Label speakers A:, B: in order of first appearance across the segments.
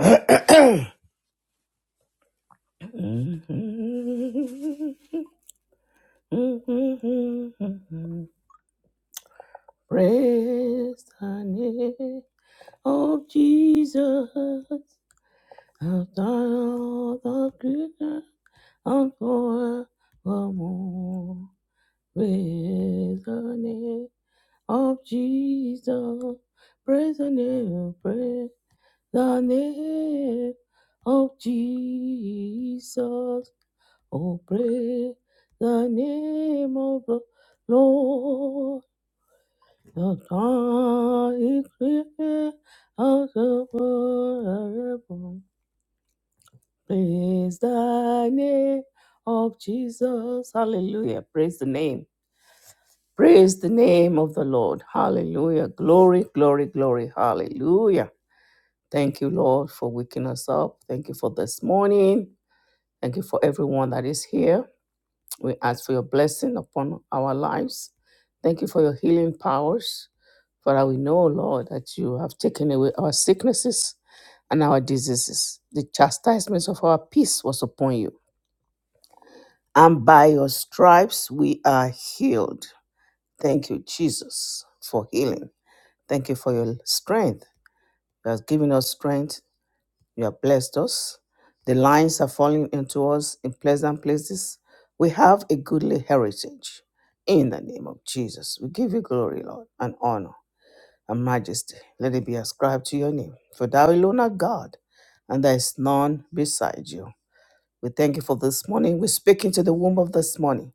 A: Praise the name of Jesus. I've done all the good and forevermore. Praise the name of Jesus. Praise the name, praise The name of Jesus. Oh, praise the name of the Lord. The God is great out of forever. Praise the name of Jesus. Hallelujah. Praise the name. Praise the name of the Lord. Hallelujah. Glory, glory, glory. Hallelujah. Thank you, Lord, for waking us up. Thank you for this morning. Thank you for everyone that is here. We ask for your blessing upon our lives. Thank you for your healing powers. Father, we know, Lord, that you have taken away our sicknesses and our diseases. The chastisements of our peace was upon you. And by your stripes we are healed. Thank you, Jesus, for healing. Thank you for your strength. You have given us strength You have blessed us. The lines are falling into us in pleasant places. We have a goodly heritage. In the name of Jesus, we give you glory, Lord, and honor and majesty. Let it be ascribed to your name. For thou alone art God, and there is none beside you. We thank you for this morning. We speak into the womb of this morning.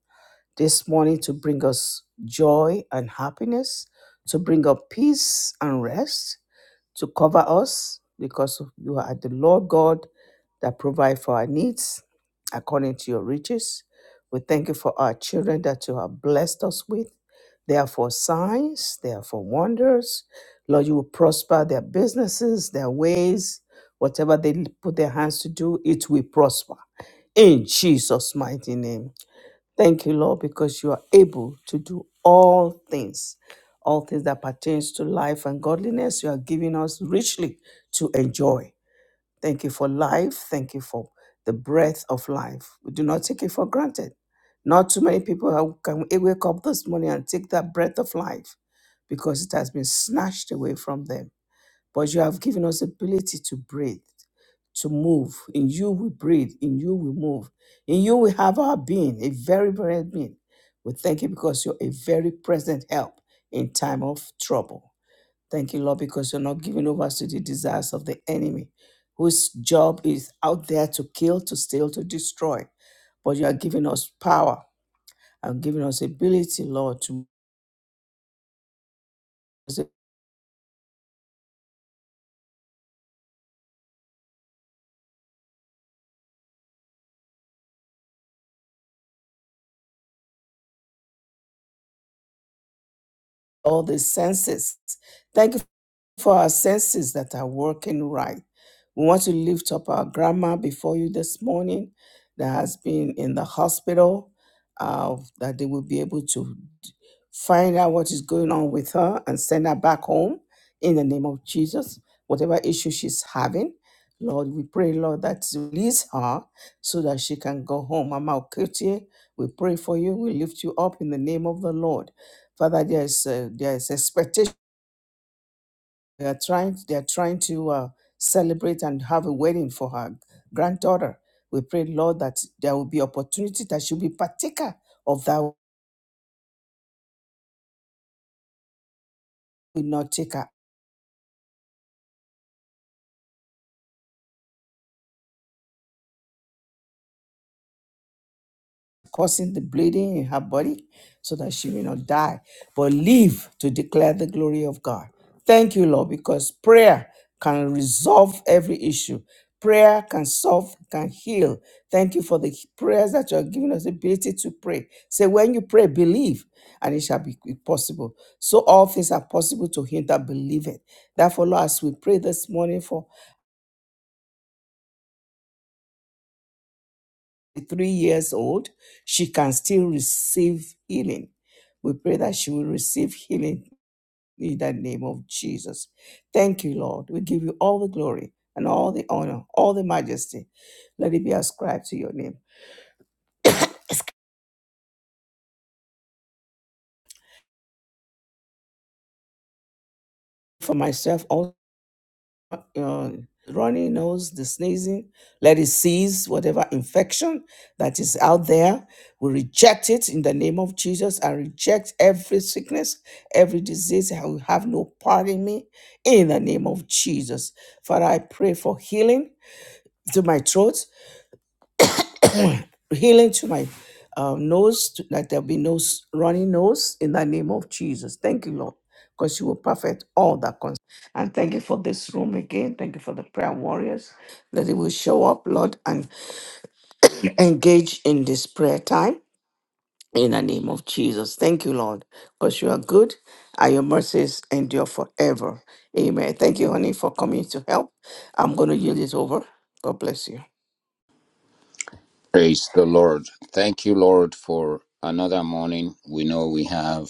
A: This morning to bring us joy and happiness, to bring up peace and rest to cover us because you are the Lord God that provide for our needs according to your riches. We thank you for our children that you have blessed us with. They are for signs, they are for wonders. Lord, you will prosper their businesses, their ways, whatever they put their hands to do, it will prosper. In Jesus' mighty name. Thank you, Lord, because you are able to do all things, all things that pertains to life and godliness. You are giving us richly to enjoy. Thank you for life. Thank you for the breath of life. We do not take it for granted. Not too many people are- can wake up this morning and take that breath of life because it has been snatched away from them. But you have given us ability to breathe, to move. In you we breathe. In you we move. In you we have our being, a very present being. We thank you because you're a very present help in time of trouble. Thank you, Lord, because you're not giving over to the desires of the enemy, whose job is out there to kill, to steal, to destroy. But you are giving us power and giving us ability, Lord, to all the senses. Thank you for our senses that are working right. We want to lift up our grandma before you this morning that has been in the hospital, uh, that they will be able to find out what is going on with her and send her back home in the name of Jesus. Whatever issue she's having, Lord, we pray, Lord, that you release her so that she can go home. Mama Okutie, we pray for you. We lift you up in the name of the Lord. Father, there is, uh, there is expectation. They are trying. They are trying to uh, celebrate and have a wedding for her granddaughter. We pray, Lord, that there will be opportunity that she'll be partaker of that. Will not take her causing the bleeding in her body so that she may not die, but live to declare the glory of God. Thank you, Lord, because prayer can resolve every issue. Prayer can solve, can heal. Thank you for the prayers that you are giving us the ability to pray. Say, when you pray, believe, and it shall be possible. So all things are possible to him that believeth. Therefore, Lord, as we pray this morning for three years old, she can still receive healing. We pray that she will receive healing in the name of Jesus. Thank you, Lord. We give you all the glory and all the honor, all the majesty. Let it be ascribed to your name. For myself, also. uh, runny nose, the sneezing. Let it cease, whatever infection that is out there. We reject it in the name of Jesus. I reject every sickness, every disease. I will have no part in me in the name of Jesus. Father, I pray for healing to my throat healing to my um, nose, to, that there'll be no s- running nose in the name of Jesus. Thank you, Lord, because you will perfect all that concerns. And thank you for this room again. Thank you for the prayer warriors that they will show up, Lord, and engage in this prayer time in the name of Jesus. Thank you, Lord, because you are good and your mercies endure forever. Amen. Thank you, honey, for coming to help. I'm going to yield it over. God bless you.
B: Praise the Lord. Thank you, Lord, for another morning. We know we have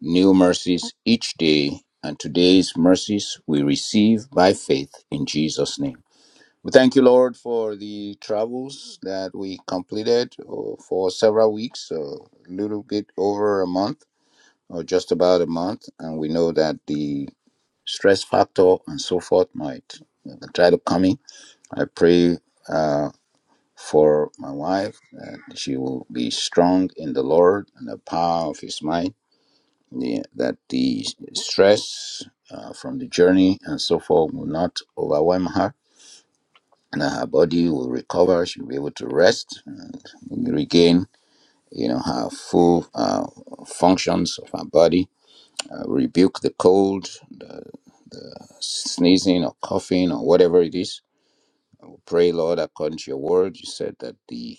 B: new mercies each day, and today's mercies we receive by faith in Jesus' name. We thank you, Lord, for the travels that we completed uh, for several weeks, a little bit over a month, or just about a month. And we know that the stress factor and so forth might uh, try to come in. I pray. Um, for my wife that she will be strong in the Lord and the power of His might. the- that the stress uh, from the journey and so forth will not overwhelm her, and that her body will recover. She'll be able to rest and regain, you know, her full uh, functions of her body. Uh, rebuke the cold, the, the sneezing or coughing or whatever it is. I will pray, Lord, according to your word. You said that the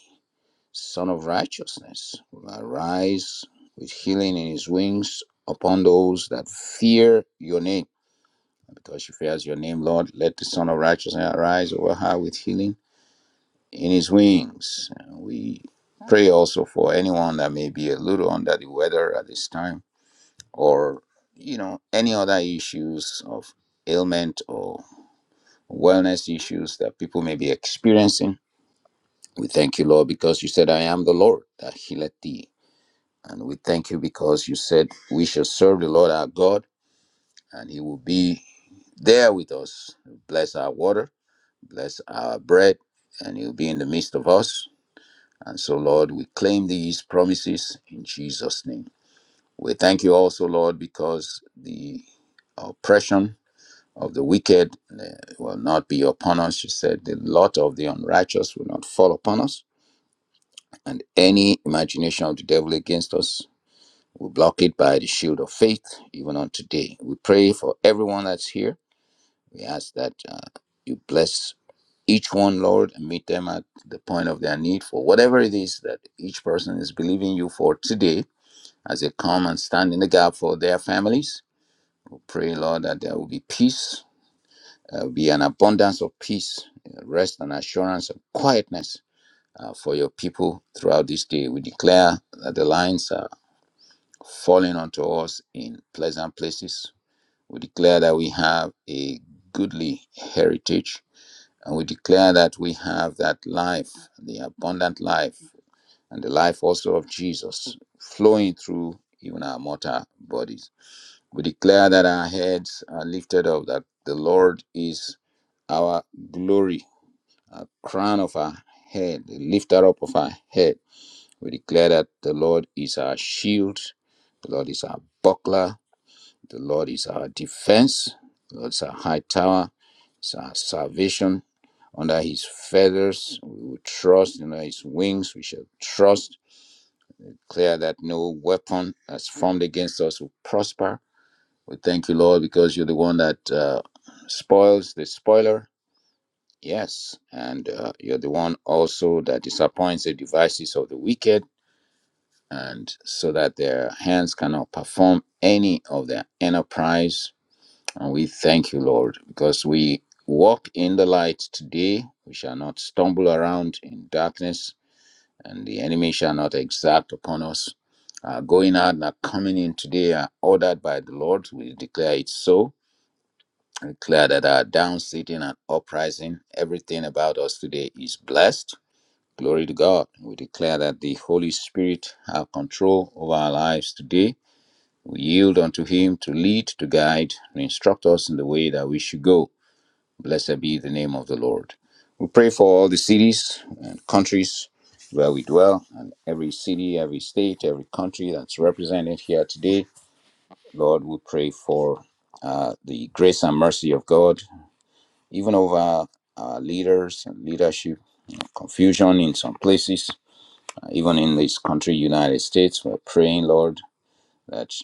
B: Son of righteousness, will arise with healing in his wings upon those that fear your name. And Because she fears your name, Lord, let the Son of righteousness arise over her with healing in his wings. And we pray also for anyone that may be a little under the weather at this time or, you know, any other issues of ailment or wellness issues that people may be experiencing. We thank you, Lord, because you said, I am the Lord that healeth thee And we thank you because you said we shall serve the Lord our God and he will be there with us. Bless our water, bless our bread, and he'll be in the midst of us. And so, Lord, we claim these promises in Jesus' name. We thank you also, Lord, because the oppression of the wicked uh, will not be upon us. You said the lot of the unrighteous will not fall upon us, and any imagination of the devil against us We block it by the shield of faith, even on today. We pray for everyone that's here. We ask that uh, you bless each one, Lord, and meet them at the point of their need for whatever it is that each person is believing you for today as they come and stand in the gap for their families. We pray, Lord, that there will be peace, uh, be an abundance of peace, uh, rest and assurance of quietness uh, for your people throughout this day. We declare that the lines are falling onto us in pleasant places We declare that we have a goodly heritage, and we declare that we have that life, the abundant life, and the life also of Jesus flowing through even our mortal bodies. We declare that our heads are lifted up, that the Lord is our glory, our crown of our head, the lifter up of our head. We declare that the Lord is our shield, the Lord is our buckler, the Lord is our defense. The Lord is our high tower. It's our salvation. Under his feathers, we will trust. Under his wings, we shall trust. Declare that no weapon that's formed against us will prosper. We thank you, Lord, because you're the one that uh, spoils the spoiler. Yes. And uh, you're the one also that disappoints the devices of the wicked. And so that their hands cannot perform any of their enterprise And we thank you, Lord, because we walk in the light today. We shall not stumble around in darkness, and the enemy shall not exact upon us. Our going out and our coming in today are ordered by the Lord. We declare it so. We declare that our down sitting and uprising, everything about us today is blessed. Glory to God. We declare that the Holy Spirit have control over our lives today. We yield unto Him to lead, to guide, and instruct us in the way that we should go. Blessed be the name of the Lord. We pray for all the cities and countries where we dwell, and every city, every state, every country that's represented here today. Lord, we pray for uh, the grace and mercy of God, even over our leaders and leadership confusion in some places, uh, even in this country, United States. We're praying, Lord, that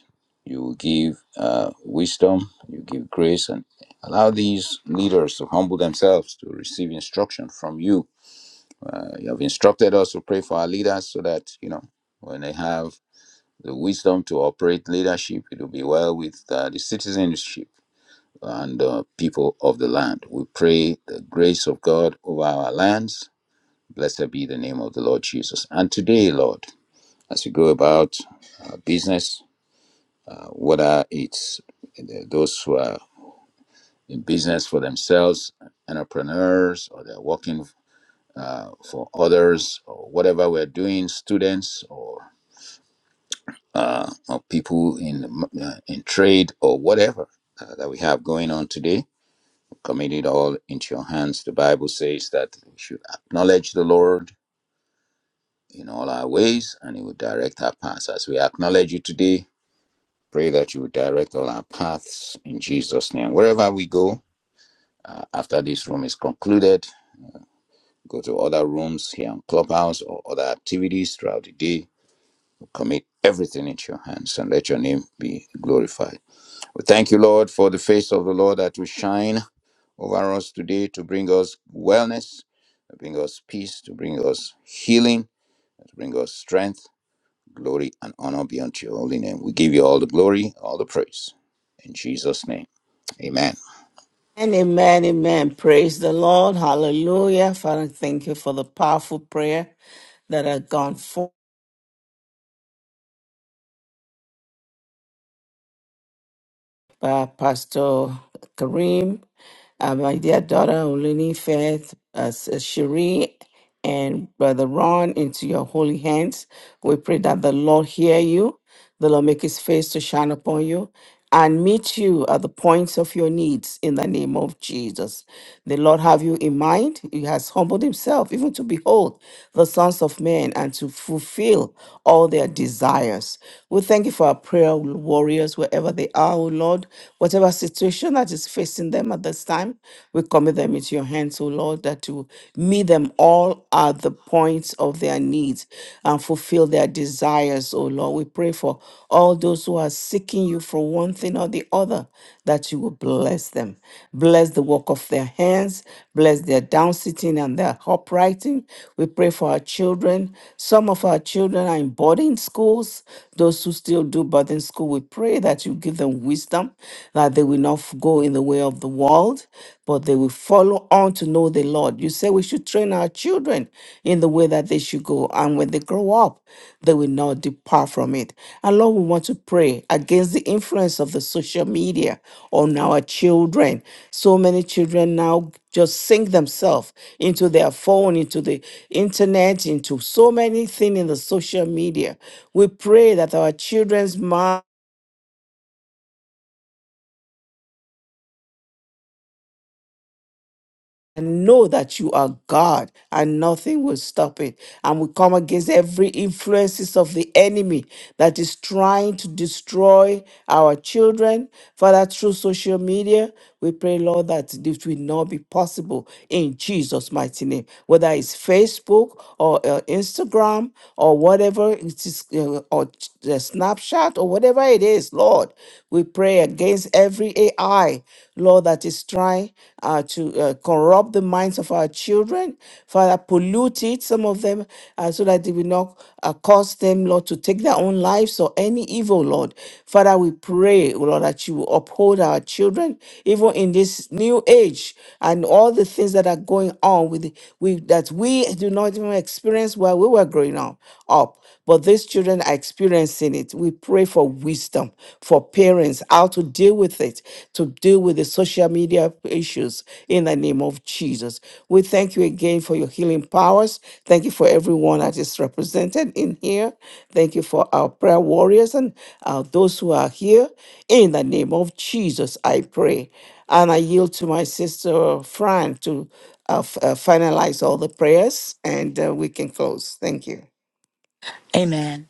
B: you give uh, wisdom, you give grace, and allow these leaders to humble themselves to receive instruction from you. Uh, you have instructed us to pray for our leaders so that, you know, when they have the wisdom to operate leadership, it will be well with uh, the citizenship and uh, people of the land. We pray the grace of God over our lands. Blessed be the name of the Lord Jesus. And today, Lord, as we go about our business, uh, whether it's uh, those who are in business for themselves, entrepreneurs, or they're working uh, for others, or whatever we're doing, students, or, uh, or people in uh, in trade, or whatever uh, that we have going on today. Commit it all into your hands. The Bible says that we should acknowledge the Lord in all our ways, and He will direct our paths. As we acknowledge you today, pray that you will direct all our paths in Jesus' name. Wherever we go, Uh, after this room is concluded, go to other rooms here on Clubhouse or other activities throughout the day. Commit everything into your hands and let your name be glorified. We thank you, Lord, for the face of the Lord that will shine over us today to bring us wellness, to bring us peace, to bring us healing, to bring us strength. Glory and honor be unto your holy name. We give you all the glory, all the praise. In Jesus' name, amen.
A: And amen, amen. Praise the Lord. Hallelujah. Father, thank you for the powerful prayer that had gone forth. by Pastor Kareem, uh, my dear daughter Oluni Faith, uh, Sis Cherie, and Brother Ron into your holy hands. We pray that the Lord hear you the Lord make his face to shine upon you and meet you at the points of your needs in the name of Jesus. The Lord have you in mind. He has humbled himself even to behold the sons of men and to fulfill all their desires. We thank you for our prayer warriors, wherever they are, O Lord, whatever situation that is facing them at this time, we commit them into your hands, O Lord, that you meet them all at the points of their needs and fulfill their desires, O Lord. We pray for all those who are seeking you for one thing or the other, that you will bless them. Bless the work of their hands, bless their down sitting and their uprighting. We pray for our children. Some of our children are in boarding schools. Those who still do boarding school, we pray that you give them wisdom, that they will not go in the way of the world adult, but they will follow on to know the Lord. You say we should train our children in the way that they should go. And when they grow up, they will not depart from it. And Lord, we want to pray against the influence of the social media on our children. So many children now just sink themselves into their phone, into the internet, into so many things in the social media. We pray that our children's minds and know that you are God and nothing will stop it. And we come against every influences of the enemy that is trying to destroy our children. Father, through social media, we pray, Lord, that this will not be possible in Jesus' mighty name. Whether it's Facebook or uh, Instagram or whatever it is, uh, or uh, Snapchat or whatever it is, Lord, we pray against every AI. AI, Lord, that is trying uh, to uh, corrupt the minds of our children, Father, pollute it, some of them, uh, so that they will not uh, cause them, Lord, to take their own lives or any evil, Lord. Father, we pray, oh Lord, that you will uphold our children, even in this new age and all the things that are going on with, with that we do not even experience while we were growing up. up but these children are experiencing it. We pray for wisdom for parents, how to deal with it, to deal with the social media issues in the name of Jesus. We thank you again for your healing powers. Thank you for everyone that is represented in here. Thank you for our prayer warriors and uh, those who are here. In the name of Jesus, I pray. And I yield to my sister Fran to uh, f- uh, finalize all the prayers and uh, we can close. Thank you.
C: Amen.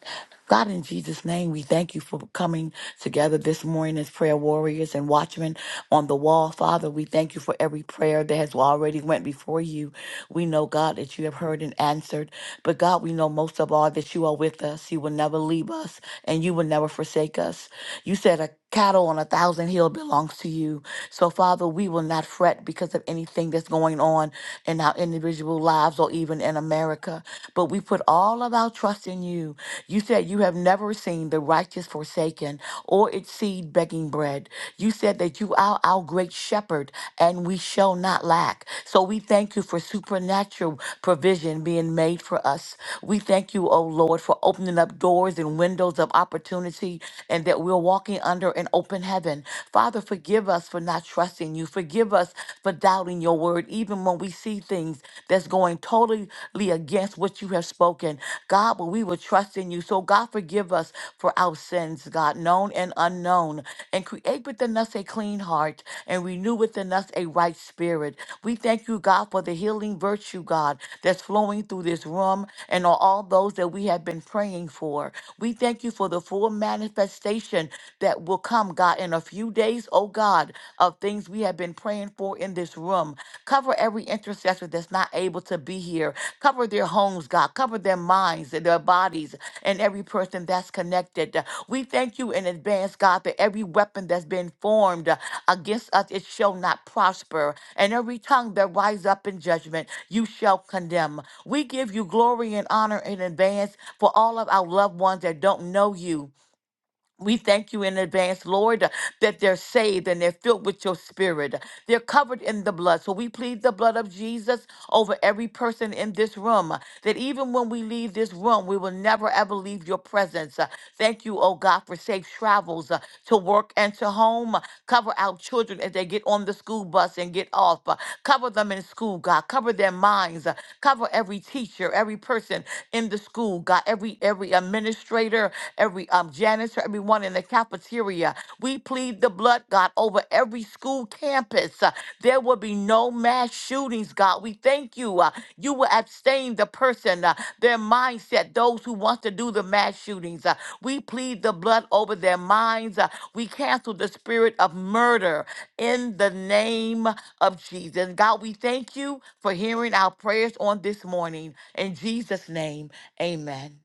C: God, in Jesus' name, we thank you for coming together this morning as prayer warriors and watchmen on the wall. Father, we thank you for every prayer that has already went before you. We know, God, that you have heard and answered. But God, we know most of all that you are with us. You will never leave us and you will never forsake us. You said a cattle on a thousand hill belongs to you. So Father, we will not fret because of anything that's going on in our individual lives or even in America. But we put all of our trust in you. You said you have never never seen the righteous forsaken or its seed begging bread. You said that you are our great shepherd and we shall not lack. So we thank you for supernatural provision being made for us. We thank you, O Lord, for opening up doors and windows of opportunity and that we're walking under an open heaven. Father, forgive us for not trusting you. Forgive us for doubting your word, even when we see things that's going totally against what you have spoken. God, but we will trust in you. So, God, forgive us for our sins, God, known and unknown, and create within us a clean heart and renew within us a right spirit. We thank you, God, for the healing virtue, God, that's flowing through this room and on all those that we have been praying for. We thank you for the full manifestation that will come, God, in a few days, oh God, of things we have been praying for in this room. Cover every intercessor that's not able to be here Cover their homes, God. Cover their minds and their bodies and every person that's connected. We thank you in advance, God, that every weapon that's been formed uh, against us, it shall not prosper. And every tongue that rise up in judgment, you shall condemn. We give you glory and honor in advance for all of our loved ones that don't know you we thank you in advance, Lord, that they're saved and they're filled with your spirit. They're covered in the blood. So we plead the blood of Jesus over every person in this room, that even when we leave this room, we will never ever leave your presence. Uh, Thank you, oh God, for safe travels uh, to work and to home. Uh, Cover our children as they get on the school bus and get off. Uh, Cover them in school, God. Cover their minds. Uh, Cover every teacher, every person in the school. God, every every administrator, every um, janitor, everyone in the cafeteria. We plead the blood, God, over every school campus. Uh, there will be no mass shootings, God. We thank you. Uh, you will abstain the person, uh, their mindset, those who want to do the mass shootings. Uh, we plead the blood over their minds. Uh, we cancel the spirit of murder in the name of Jesus. God, we thank you for hearing our prayers on this morning. In Jesus' name. Amen.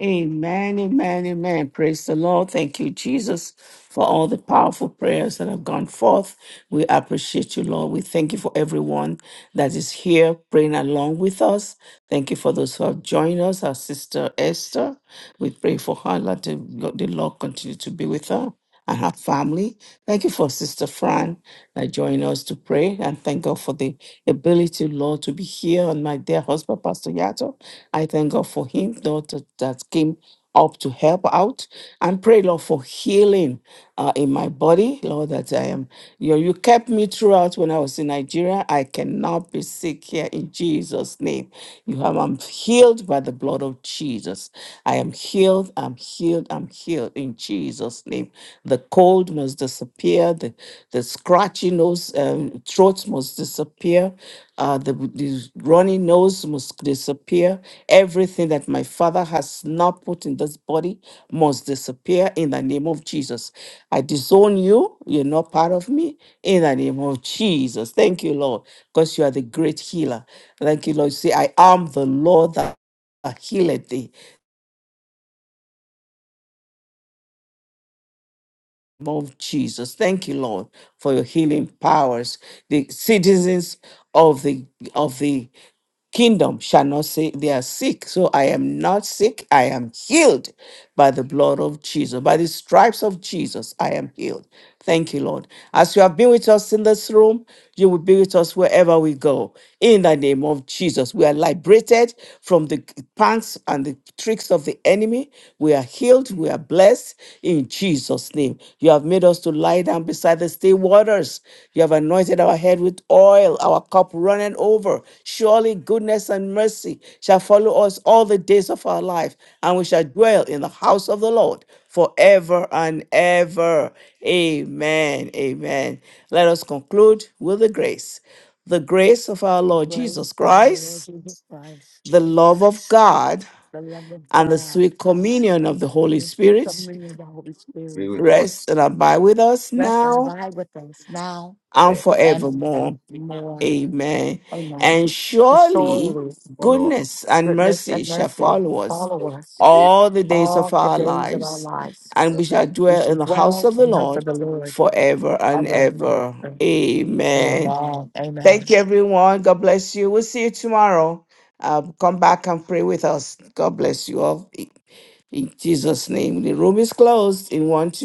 A: Amen, amen, amen. Praise the Lord. Thank you, Jesus, for all the powerful prayers that have gone forth. We appreciate you, Lord. We thank you for everyone that is here praying along with us. Thank you for those who have joined us, our sister Esther. We pray for her. Let the Lord the Lord continue to be with her and her family. Thank you for Sister Fran that joined us to pray. And thank God for the ability, Lord, to be here. And my dear husband, Pastor Yato, I thank God for him, Lord, that, that came up to help out. And pray, Lord, for healing uh, in my body, Lord, that I am. You, know, you kept me throughout when I was in Nigeria. Nigeria. I cannot be sick here in Jesus' name. You have I'm healed by the blood of Jesus. I am healed. I'm healed. I'm healed in Jesus' name. The cold must disappear. The the scratchy nose, um, throat must disappear. Uh, the, the runny nose must disappear. Everything that my father has not put in this body must disappear in the name of Jesus. I disown you. You're not part of me. In the name of Jesus. Thank you, Lord, because you are the great healer. Thank you, Lord. You say, I am the Lord that healeth thee. In the name Of Jesus. Thank you, Lord, for your healing powers. The citizens of the of the kingdom shall not say they are sick. So I am not sick. I am healed by the blood of Jesus. By the stripes of Jesus, I am healed. Thank you, Lord. As you have been with us in this room, you will be with us wherever we go. In the name of Jesus, we are liberated from the pangs and the tricks of the enemy. We are healed. We are blessed in Jesus' name. You have made us to lie down beside the still waters. You have anointed our head with oil, our cup running over. Surely goodness and mercy shall follow us all the days of our life, and we shall dwell in the house of the Lord forever and ever. Amen. Amen. Let us conclude with the grace. The grace of our
C: The
A: Lord Jesus
C: grace of our Lord
A: Christ,
C: Jesus Christ,
A: the love of God,
C: the love of
A: and the
C: God,
A: sweet communion of the Holy
C: and the sweet
A: Spirit
C: communion of the Holy
B: We
C: Spirit
B: will trust
A: rest and abide with us
C: rest and
A: now
C: abide with us now
B: in
A: and
C: and
A: forevermore.
C: forevermore.
A: Amen.
C: Amen.
B: We
A: And
C: For
A: surely
C: surely
B: follow
A: goodness and
C: goodness
A: mercy
C: and
A: shall
C: mercy
A: follow us
B: all
C: follow
B: the
C: us
B: days.
A: all the days of
C: all the
A: our
C: days of our
A: lives,
C: lives.
A: and we shall
C: We
A: dwell in
C: should
A: the house
C: dwell
A: of the
C: in the house
A: Lord
C: of the Lord
A: forever and
C: ever
A: ever.
C: and ever.
A: Amen.
C: Amen. Amen.
A: Thank you, everyone. God bless you. We'll see you tomorrow. Uh, come back and pray with us. God bless you all. In in Jesus' name. The room is closed in one, two.